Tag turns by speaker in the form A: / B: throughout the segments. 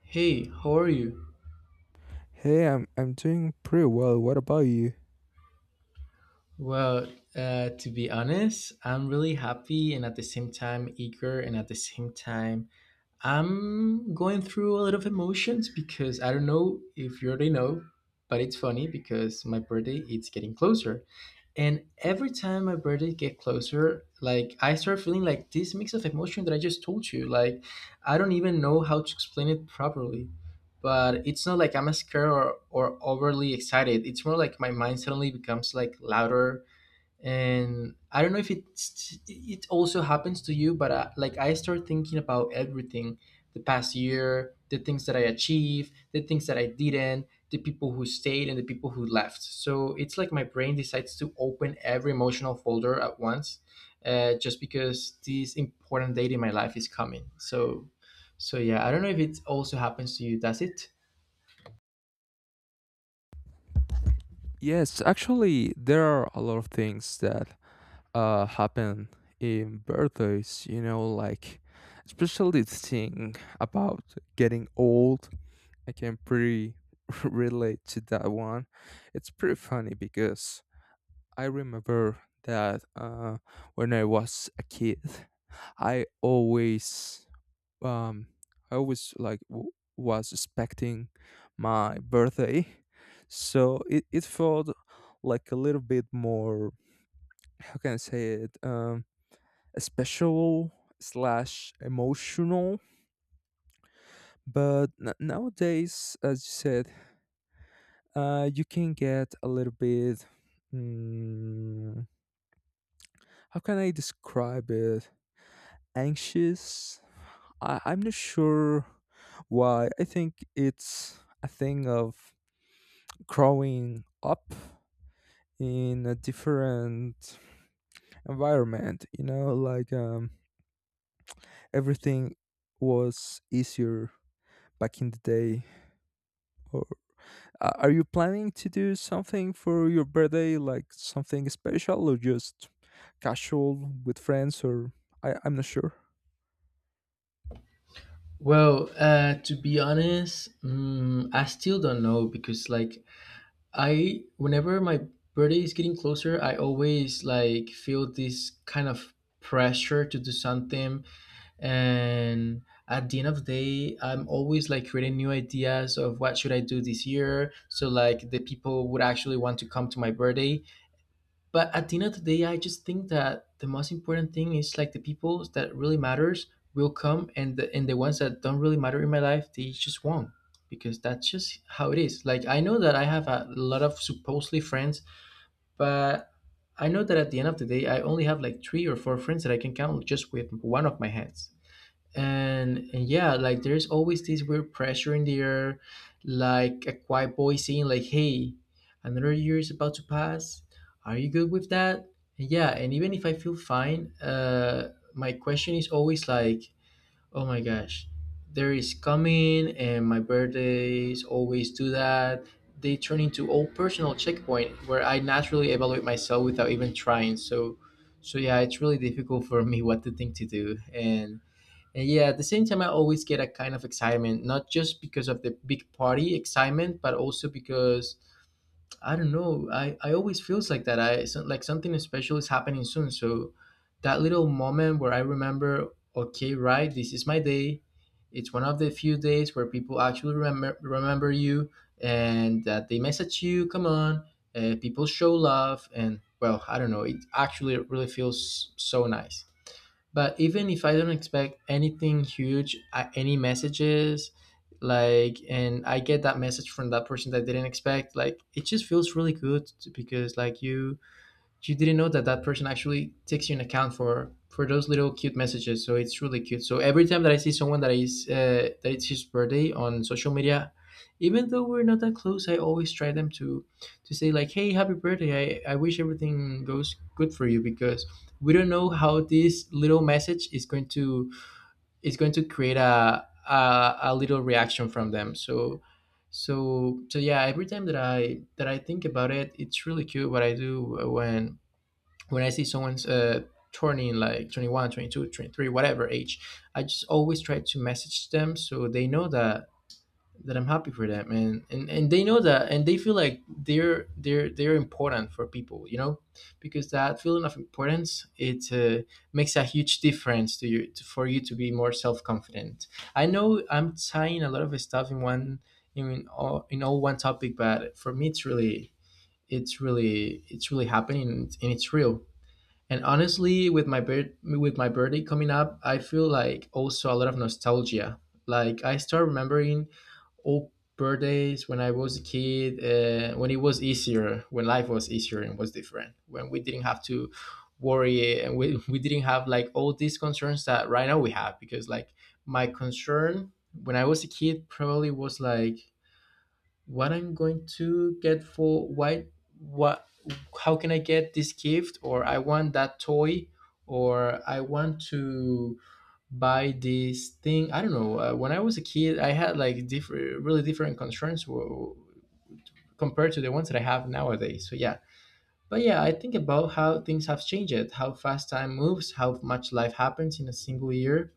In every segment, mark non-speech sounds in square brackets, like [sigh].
A: Hey, how are you?
B: Hey, I'm doing pretty well. What about you?
A: Well, to be honest, I'm really happy and at the same time eager, and at the same time, I'm going through a lot of emotions because I don't know if you already know, but it's funny because my birthday it's getting closer. And every time my birthday get closer, like I start feeling like this mix of emotion that I just told you. Like I don't even know how to explain it properly. But it's not like I'm scared or overly excited. It's more like my mind suddenly becomes like louder and I don't know if it's it also happens to you but like I start thinking about everything, the past year, the things that I achieved, the things that I didn't, the people who stayed and the people who left. So it's like my brain decides to open every emotional folder at once, just because this important date in my life is coming. So so yeah, I don't know if it also happens to you, does it?
B: Yes, actually, there are a lot of things that happen in birthdays. You know, like especially the thing about getting old. I can pretty [laughs] relate to that one. It's pretty funny because I remember that when I was a kid, I always um I was expecting my birthday [laughs] so it felt like a little bit more how can I say it special slash emotional. But nowadays, as you said, you can get a little bit, mm, how can I describe it, anxious. I'm not sure why. I think it's a thing of growing up in a different environment, you know, like, everything was easier back in the day. Are you planning to do something for your birthday, like something special or just casual with friends? Or I'm not sure.
A: Well, to be honest, mm, I still don't know because like I whenever my birthday is getting closer, I always like feel this kind of pressure to do something. And at the end of the day I'm always like creating new ideas of what should I do this year, so like the people would actually want to come to my birthday. But at the end of the day I just think that the most important thing is like the people that really matters will come, and the ones that don't really matter in my life they just won't, because that's just how it is. Like I know that I have a lot of supposedly friends, but I know that at the end of the day I only have like three or four friends that I can count just with one of my hands. And yeah, like there's always this weird pressure in the air, like a quiet voice saying like, hey, another year is about to pass, are you good with that? And yeah, and even if I feel fine, my question is always like, oh my gosh, there is coming. And my birthdays always do that, they turn into all personal checkpoint where I naturally evaluate myself without even trying. So so yeah, it's really difficult for me [laughs] what to think to do. And yeah, at the same time, I always get a kind of excitement, not just because of the big party excitement, but also because I don't know, I always feels like that. Like something special is happening soon. So that little moment where I remember, okay, right, this is my day. It's one of the few days where people actually remember you and that they message you. Come on, people show love, and well, I don't know. It actually really feels so nice, but even if I don't expect anything huge, any messages, like and I get that message from that person that I didn't expect, like it just feels really because like you didn't know that that person actually takes you an account for those little cute messages. So it's really cute. So every time that I see someone that is that it's his birthday on social media, even though we're not that close, I always try them to say like, hey, happy birthday, I wish everything goes good for you, because we don't know how this little message is going to create a little reaction from them. So yeah, every time that I think about it, it's really cute what I do when I see someone's turning like 21, 22, 23, whatever age, I just always try to message them so they know that I'm happy for them, and they know that, and they feel like they're important for people, you know? Because that feeling of importance it makes a huge difference to you to, for you to be more self-confident. I know I'm tying a lot of stuff in one in all one topic, but for me it's really it's really happening and it's real. And honestly, with my with my birthday coming up, I feel like also a lot of nostalgia. Like I start remembering old birthdays when I was a kid, when it was easier, when life was easier and was different, when we didn't have to worry and we, [laughs] we didn't have like all these concerns that right now we have. Because like my concern when I was a kid probably was like what I'm going to get for why what how can I get this gift, or I want that toy, or I want to buy this thing. I don't know. When I was a kid, I had like different, really different compared to the ones that I have nowadays. So yeah. But yeah, I think about how things have changed, how fast time moves, how much life happens in a single year.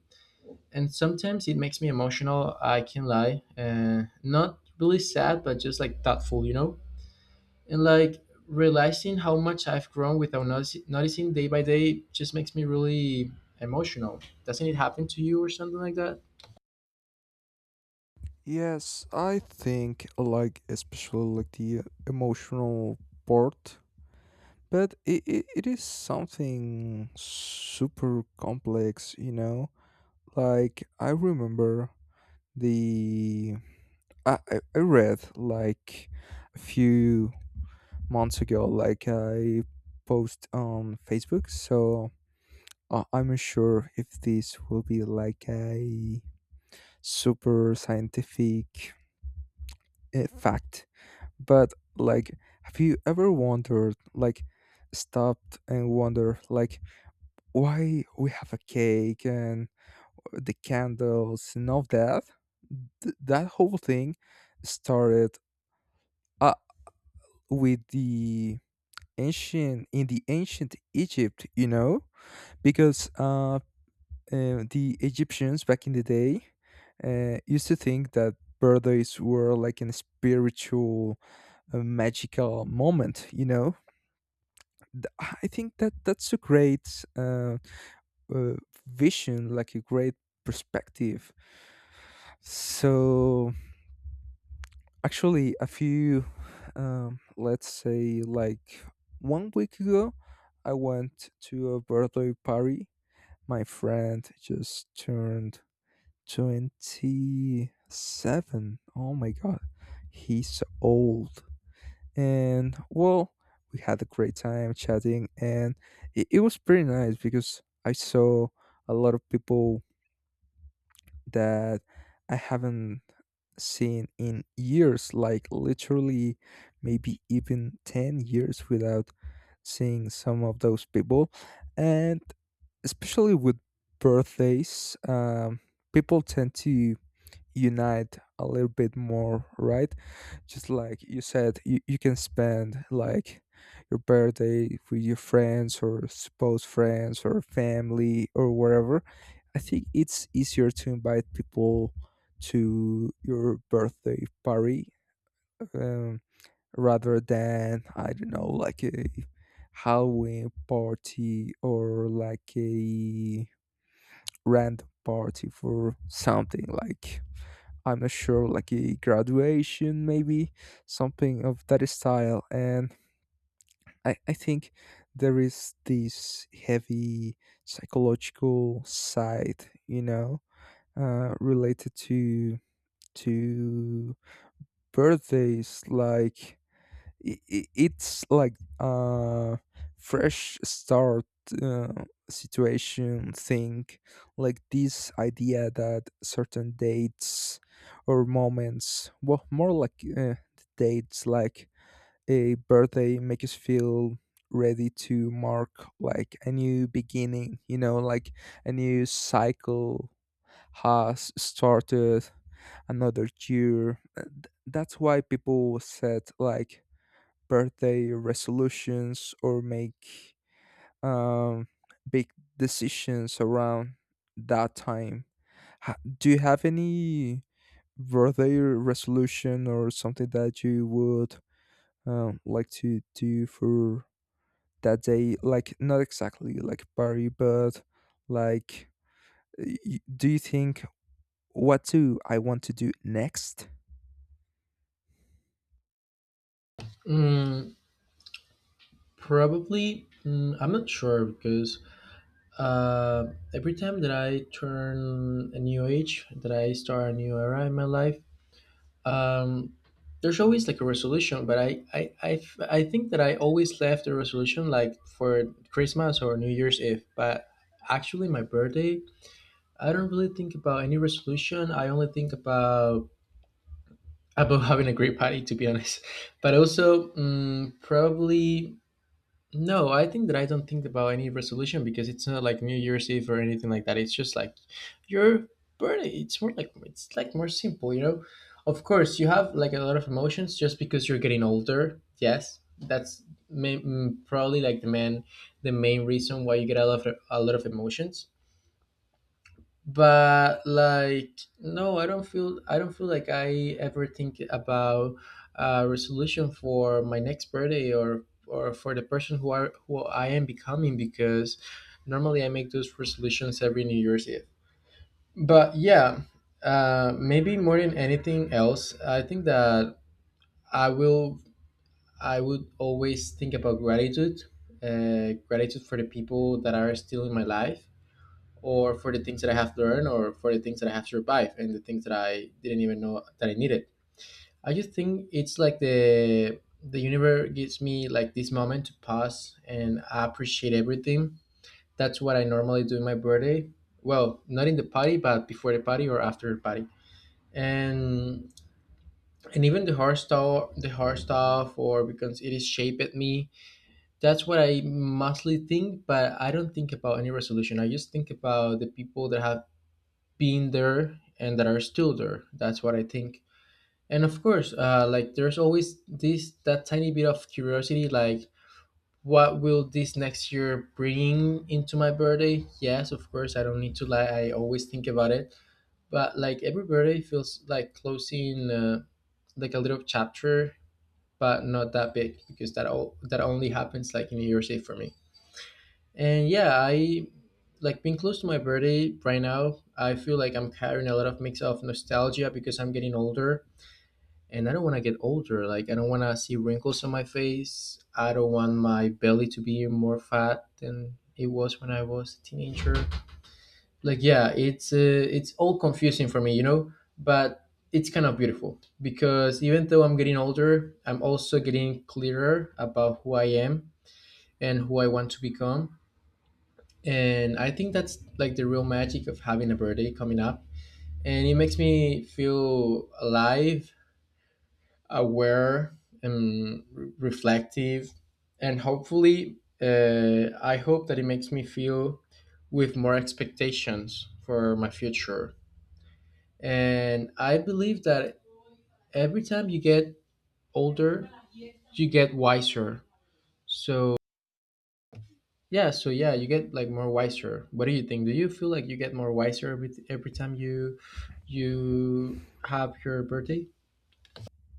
A: And sometimes it makes me emotional, I can lie. Not really sad, but just like thoughtful, you know? And like realizing how much I've grown without noticing day by day just makes me really emotional. Doesn't it happen to you or something like that?
B: Yes, I think I like especially like the emotional part, but it is something super complex, you know. Like I remember the I read like a few months ago, like I post on Facebook. So I'm not sure if this will be like a super scientific fact, but like have you ever wondered like stopped and wondered like why we have a cake and the candles and all that. That whole thing started uh, with the ancient in the ancient Egypt, you know, because the Egyptians back in the day used to think that birthdays were like a spiritual, magical moment, you know. Th- I think that that's a great, uh, vision, like a great perspective. So actually, a few, let's say like 1 week ago, I went to a birthday party. My friend just turned 27. Oh my god, he's old. And well, we had a great time chatting, and it was pretty nice because I saw a lot of people that I haven't seen in years, like literally maybe even 10 years without seeing some of those people. And especially with birthdays, people tend to unite a little bit more, right? Just like you said, you can spend like your birthday with your friends or supposed friends or family or wherever. I think it's easier to invite people to your birthday party, um, rather than I don't know, like a Halloween party or like a random party for something like I'm not sure, like a graduation maybe, something of that style. And I think there is this heavy psychological side, you know, related to to birthdays. Like I it's like a fresh start uh, situation thing. Like this idea that certain dates or moments, well more like the dates, like a birthday make us feel ready to mark like a new beginning, you know, like a new cycle has started, another year. That's why people set like birthday resolutions or make, um, big decisions around that time. Do you have any birthday resolution or something that you would like to do for that day? Like not exactly like party, but like, do you think, what do I want to do next?
A: Mm, probably. Mm, I'm not sure because uh, every time that I turn a new age, that I start a new era in my life, um, there's always like a resolution. But I think that I always left a resolution like for Christmas or New Year's Eve. But actually, my birthday I don't really think about any resolution. I only think about [laughs] about having a great party, to be honest. [laughs] But also, mm, probably no. I think that I don't think about any resolution because it's not like New Year's Eve or anything like that. It's just like your birthday. It's more like it's like more simple, you know. Of course, you have like a lot of emotions just because you're getting older. Yes, that's mm, probably like the main reason why you get a lot of emotions. But like no, I don't feel like I ever think about a resolution for my next birthday, or for the person who are who I am becoming, because normally I make those resolutions every New Year's Eve. But yeah, maybe more than anything else I think that i will I would always think about gratitude, gratitude for the people that are still in my life, or for the things that I have learned, or for the things that I have survived, and the things that I didn't even know that I needed. I just think it's like the universe gives me like this moment to pause and I appreciate everything. That's what I normally do in my birthday. Well, not in the party, but before the party or after the party. And and even the hard stuff or because it is shaped me. That's what I mostly think, but I don't think about any resolution. I just think about the people that have been there and that are still there. That's what I think. And of course, like there's always this that tiny bit of curiosity, like what will this next year bring into my birthday? Yes, of course, I don't need to lie. I always think about it, but like every birthday feels like closing like a little chapter, but not that big because that all that only happens like in New Year's Eve for me. And yeah, I like being close to my birthday right now. I feel like I'm carrying a lot of mix of nostalgia because I'm getting older and I don't want to get older. Like I don't want to see wrinkles on my face. I don't want my belly to be more fat than it was when I was a teenager. Like yeah, it's all confusing for me, you know, but it's kind of beautiful because even though I'm getting older, I'm also getting clearer about who I am and who I want to become, and I think that's like the real magic of having a birthday coming up. And it makes me feel alive, aware, and reflective. And hopefully, I hope that it makes me feel with more expectations for my future. And I believe that every time you get older, you get wiser. So yeah, so yeah, you get like more wiser. What do you think? Do you feel like you get more wiser every time you you have your birthday?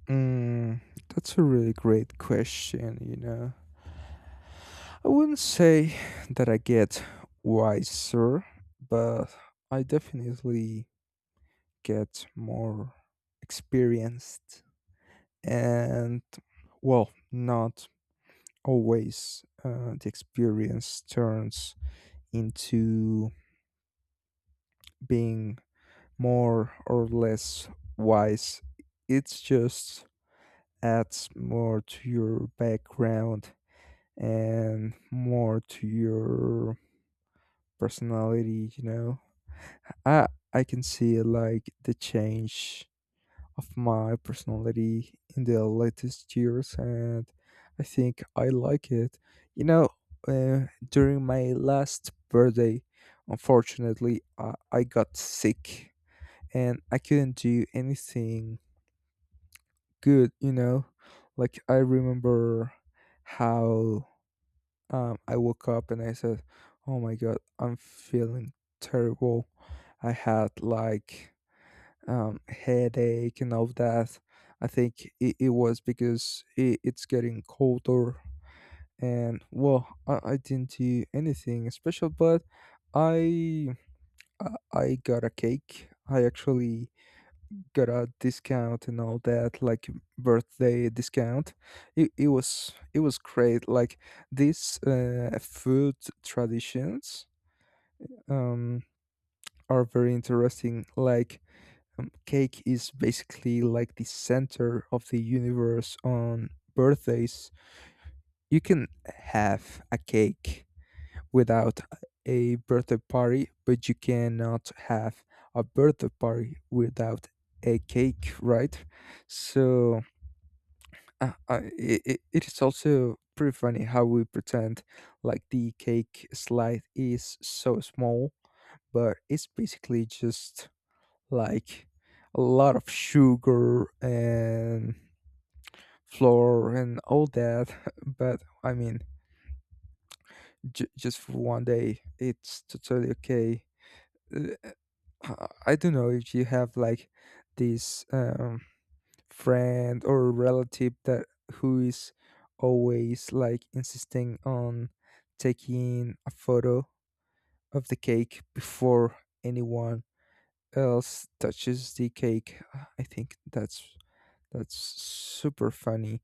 B: Mm, that's a really great question, you know. I wouldn't say that I get wiser, but I definitely get more experienced and, well, not always. The experience turns into being more or less wise. It just adds more to your background and more to your personality, you know. I i can see like the change of my personality in the latest years, and I think I like it, you know. Uh, during my last birthday, unfortunately, I got sick and I couldn't do anything good, you know. Like I remember how, I woke up and I said, "Oh my god, I'm feeling terrible." I had like headache and all that. I think it was because it's getting colder, and well, I didn't do anything special, but I I got a cake. I actually got a discount and all that, like birthday discount. It was great. Like these food traditions, um are very interesting. Like, cake is basically like the center of the universe on birthdays. You can have a cake without a birthday party, but you cannot have a birthday party without a cake, right? So it is also pretty funny how we pretend like the cake slide is so small, but it's basically just like a lot of sugar and flour and all that. [laughs] But I mean, just for 1 day, it's totally okay. Uh, I don't know if you have like this. Friend or relative that who is always like insisting on taking a photo of the cake before anyone else touches the cake. I think that's super funny.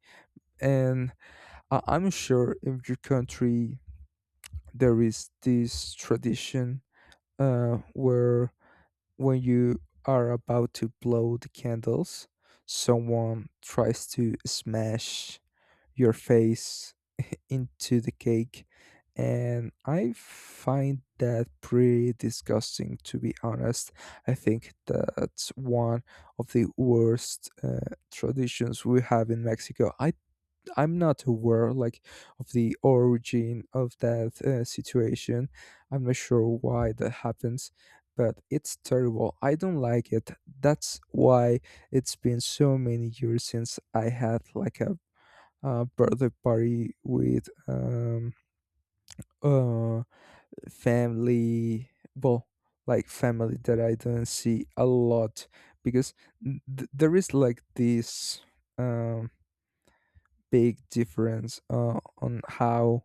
B: And I'm sure in your country there is this tradition where when you are about to blow the candles, someone tries to smash your face into the cake. And I find that pretty disgusting, to be honest. I think that's one of the worst traditions we have in Mexico. I'm not aware like of the origin of that situation. I'm not sure why that happens, but it's terrible. I don't like it. That's why it's been so many years since I had like a birthday party with uh, family. Well, like family that I don't see a lot, because there is like this, um, big difference on how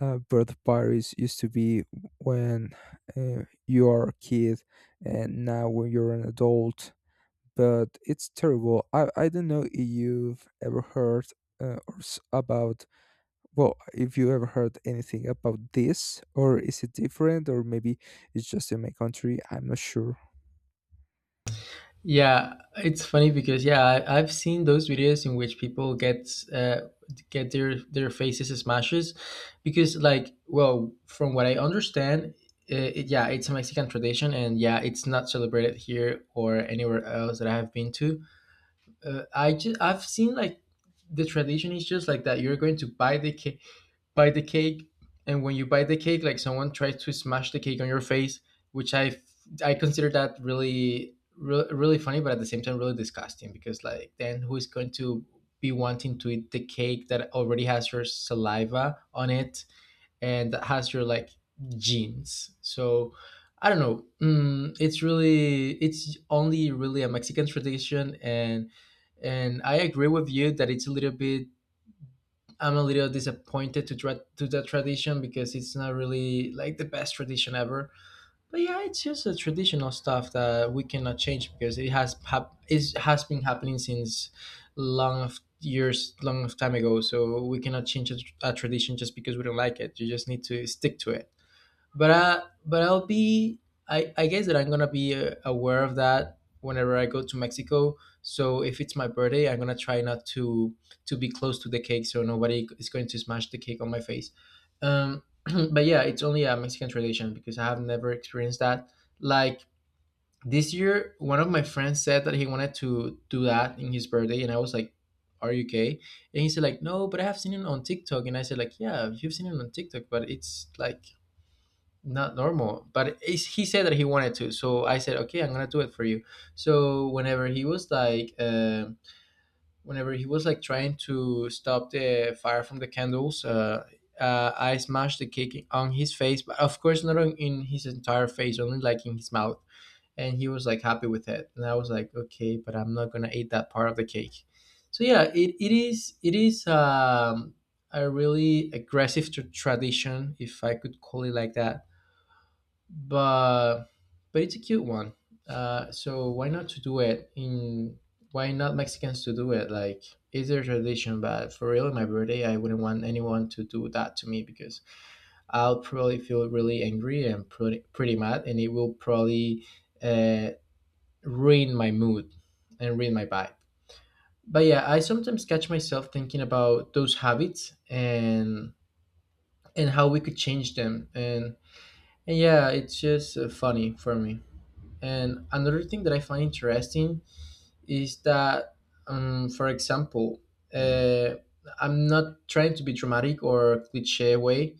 B: birthday parties used to be when you are a kid and now when you're an adult. But it's terrible. I don't know if you've ever heard about, well, if you ever heard anything about this, or is it different, or maybe it's just in my country, I'm not sure.
A: Yeah, it's funny because yeah, I've seen those videos in which people get their faces smashes because like, well, from what I understand, yeah, it's a Mexican tradition and yeah, it's not celebrated here or anywhere else that I have been to. I just I've seen like the tradition is just like that. You're going to buy the cake buy the cake and when you buy the cake, like, someone tries to smash the cake on your face, which I consider that really funny, but at the same time really disgusting, because like then who is going to be wanting to eat the cake that already has your saliva on it, and that has your, like, genes. So I don't know. It's really it's only really a Mexican tradition, and I agree with you that it's a little bit, I'm a little disappointed to try to that tradition because it's not really like the best tradition ever. But yeah, it's just a traditional stuff that we cannot change because it it has been happening since long of years, long of time ago. So we cannot change a tradition just because we don't like it. You just need to stick to it, but I, but I'll be I guess that I'm gonna be aware of that whenever I go to Mexico. So if it's my birthday, I'm gonna try not to be close to the cake, so nobody is going to smash the cake on my face. Um, [clears throat] but yeah, it's only a Mexican tradition because I have never experienced that. Like this year, one of my friends said that he wanted to do that in his birthday, and I was like, "Are you okay?" And he said like, "No, but I have seen it on TikTok." And I said like, "Yeah, you've seen it on TikTok, but it's like." Not normal, but it's, he said that he wanted to, so I said okay, I'm gonna do it for you. So whenever he was like, whenever he was like trying to stop the fire from the candles, I smashed the cake on his face, but of course not on, in his entire face, only like in his mouth. And he was like happy with it, and I was like okay, but I'm not gonna eat that part of the cake. So yeah, it is it is. A really tradition, if I could call it like that, but but it's a cute one. So why not to do it in? Why not Mexicans to do it? Like it's their tradition, but for real, my birthday, I wouldn't want anyone to do that to me because I'll probably feel really angry and pretty mad, and it will probably uh, ruin my mood and ruin my vibe. But yeah, I sometimes catch myself thinking about those habits, and how we could change them, and yeah, it's just funny for me. And another thing that I find interesting is that, for example, uh, I'm not trying to be dramatic or cliche way,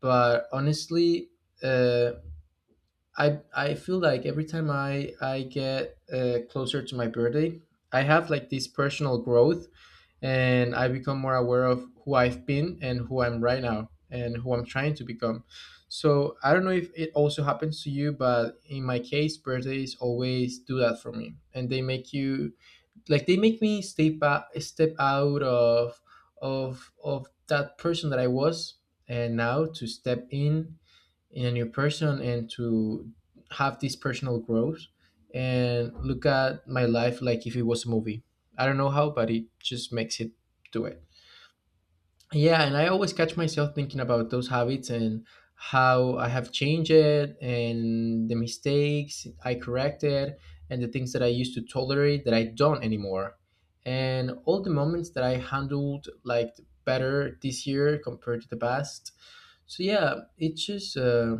A: but honestly, uh, I feel like every time I get closer to my birthday, I have like this personal growth, and I become more aware of who I've been and who I'm right now and who I'm trying to become. So I don't know if it also happens to you, but in my case, birthdays always do that for me, and they make you, like, they make me step out, of that person that I was, and now to step in a new person and to have this personal growth and look at my life like if it was a movie. I don't know how, but it just makes it do it. Yeah, and I always catch myself thinking about those habits and how I have changed it and the mistakes I corrected and the things that I used to tolerate that I don't anymore. And all the moments that I handled like better this year compared to the past. So yeah,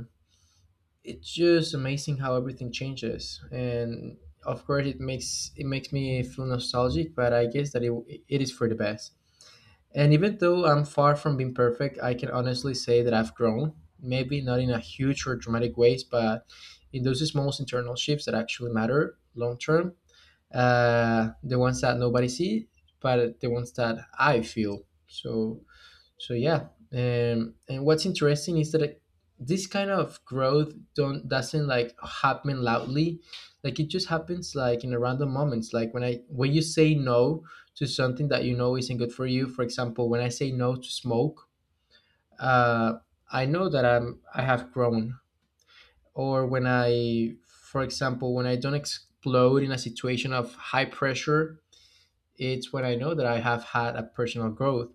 A: it's just amazing how everything changes, and of course it makes me feel nostalgic, but I guess that it is for the best. And even though I'm far from being perfect, I can honestly say that I've grown, maybe not in a huge or dramatic ways, but in those small internal shifts that actually matter long term, the ones that nobody see, but the ones that I feel. So so yeah, and what's interesting is that it, this kind of growth don't doesn't like happen loudly, like it just happens like in a random moments. Like when I when you say no to something that you know isn't good for you. For example, when I say no to smoke, uh, I know that I have grown. Or when I, for example, when I don't explode in a situation of high pressure, it's when I know that I have had a personal growth.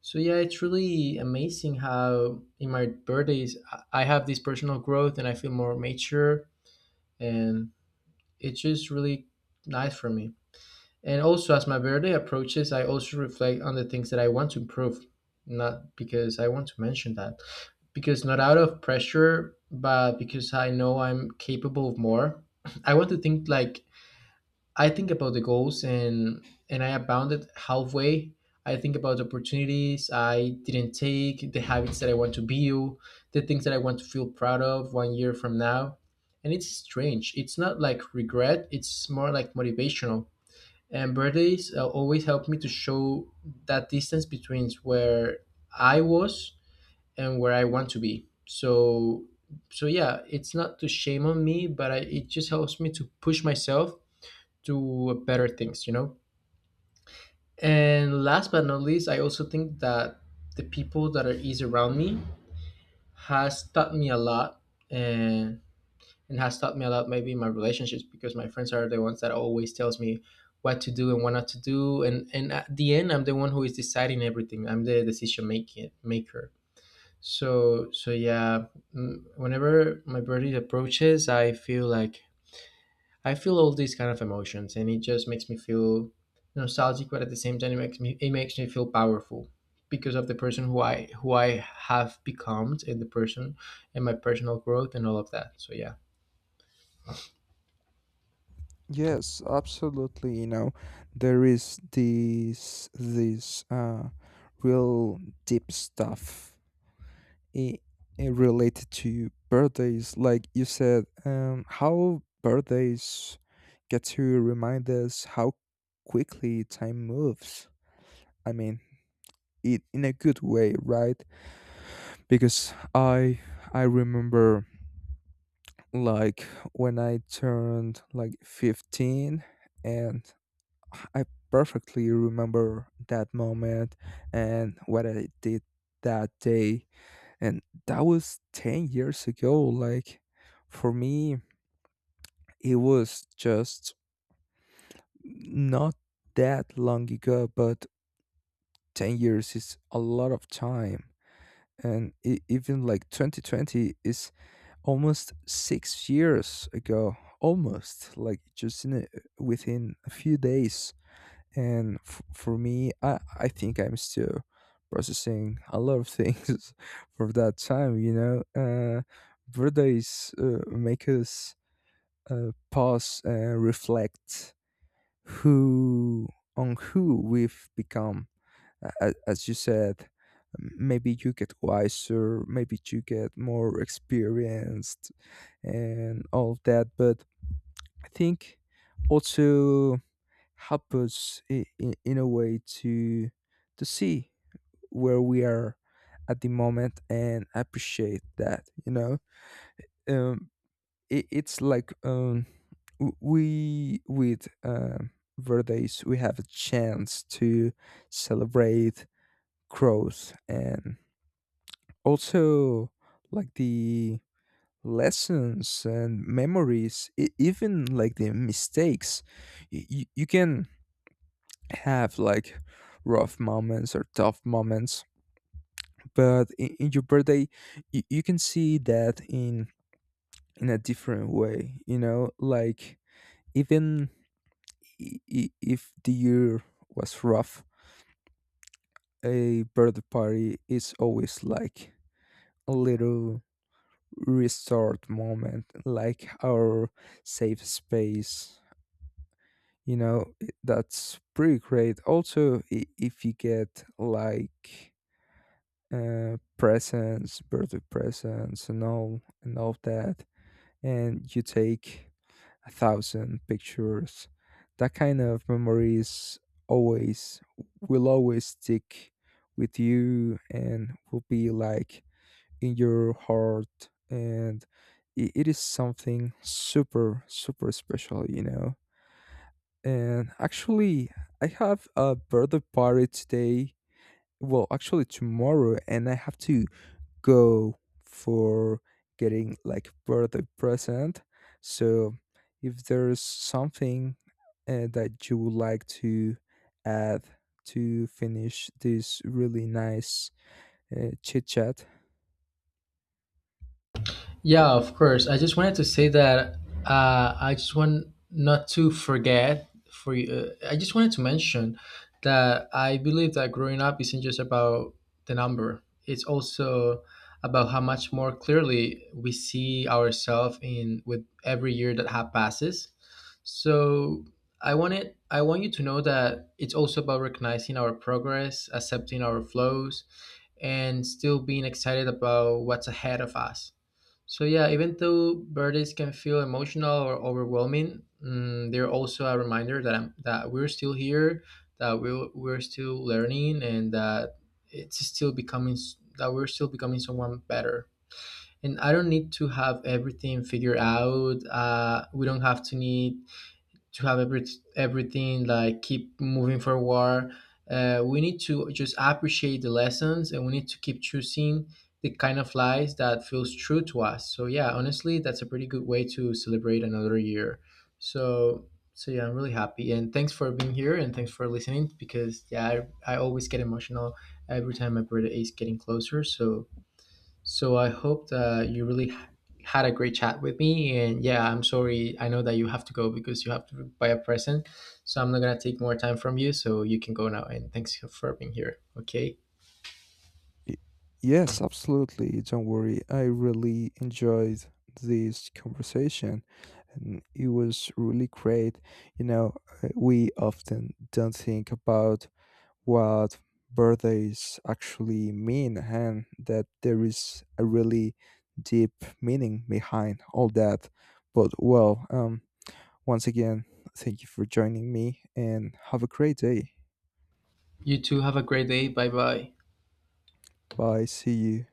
A: So yeah, it's really amazing how in my birthdays I have this personal growth and I feel more mature, and it's just really nice for me. And also as my birthday approaches, I also reflect on the things that I want to improve, not because I want to mention that. Because not out of pressure, but because I know I'm capable of more. [laughs] [clears throat] I want to think like I think about the goals and I abounded halfway. I think about the opportunities I didn't take, the habits that I want to build, the things that I want to feel proud of one year from now. And it's strange. It's not like regret, it's more like motivational. And birthdays always help me to show that distance between where I was and where I want to be. So so yeah, it's not to shame on me, but I, it just helps me to push myself to better things, you know? And last but not least, I also think that the people that are is around me has taught me a lot, and and has taught me a lot maybe in my relationships, because my friends are the ones that always tells me what to do and what not to do, and at the end I'm the one who is deciding everything. I'm the decision making maker. So so yeah, whenever my birthday approaches, I feel like I feel all these kind of emotions, and it just makes me feel nostalgic, but at the same time, it makes me feel powerful because of the person who I have become, and the person and my personal growth and all of that. So yeah.
B: Yes, absolutely. You know, there is this real deep stuff i- related to birthdays, like you said, how birthdays get to remind us how quickly time moves. I mean, it in a good way, right? Because I remember like when I turned like 15, and I perfectly remember that moment and what I did that day. And that was 10 years ago. Like, for me, it was just not that long ago, but 10 years is a lot of time. And even like 2020 is almost 6 years ago, almost like just in a, within a few days. And for me, I think I'm still processing a lot of things [laughs] for that time, you know. Uh, birthdays make us pause and reflect who on who we've become. As you said, maybe you get wiser, maybe you get more experienced and all that. But I think also help us in a way to see where we are at the moment and appreciate that, you know. um it's like, we with verdes, we have a chance to celebrate growth and also like the lessons and memories, even like the mistakes. You can have like rough moments or tough moments, but in your birthday, you can see that in a different way, you know. Like even, if the year was rough, a birthday party is always like a little restart moment, like our safe space, you know. That's pretty great also, if you get like presents, birthday presents, and all that, and you take 1,000 pictures. That kind of memories always will always stick with you and will be like in your heart. And it is something super super special, you know. And actually, I have a birthday party today, well actually tomorrow, and I have to go for getting like birthday present. So if there is something that you would like to add to finish this really nice chit chat.
A: Yeah, of course. I just wanted to say that I just want not to forget for you. I just wanted to mention that I believe that growing up isn't just about the number. It's also about how much more clearly we see ourselves in with every year that passes. So I want you to know that it's also about recognizing our progress, accepting our flows, and still being excited about what's ahead of us. So yeah, even though birthdays can feel emotional or overwhelming, they're also a reminder that that we're still here, that we're still learning, and that it's still becoming s- that we're still becoming someone better. And I don't need to have everything figured out. We don't have to need to have everything, like, keep moving forward. We need to just appreciate the lessons, and we need to keep choosing the kind of lives that feels true to us. So yeah, honestly, that's a pretty good way to celebrate another year. So so yeah, I'm really happy and thanks for being here and thanks for listening, because yeah, I always get emotional every time my birthday is getting closer. So so I hope that you really had a great chat with me. And yeah, I'm sorry. I know that you have to go because you have to buy a present. So I'm not going to take more time from you. So you can go now. And thanks for being here. Okay.
B: Y- Yes, absolutely. Don't worry. I really enjoyed this conversation and it was really great. You know, we often don't think about what birthdays actually mean, and that there is a really deep meaning behind all that. But well, once again, thank you for joining me and have a great day.
A: You too. Have a great day. Bye bye.
B: Bye. See you.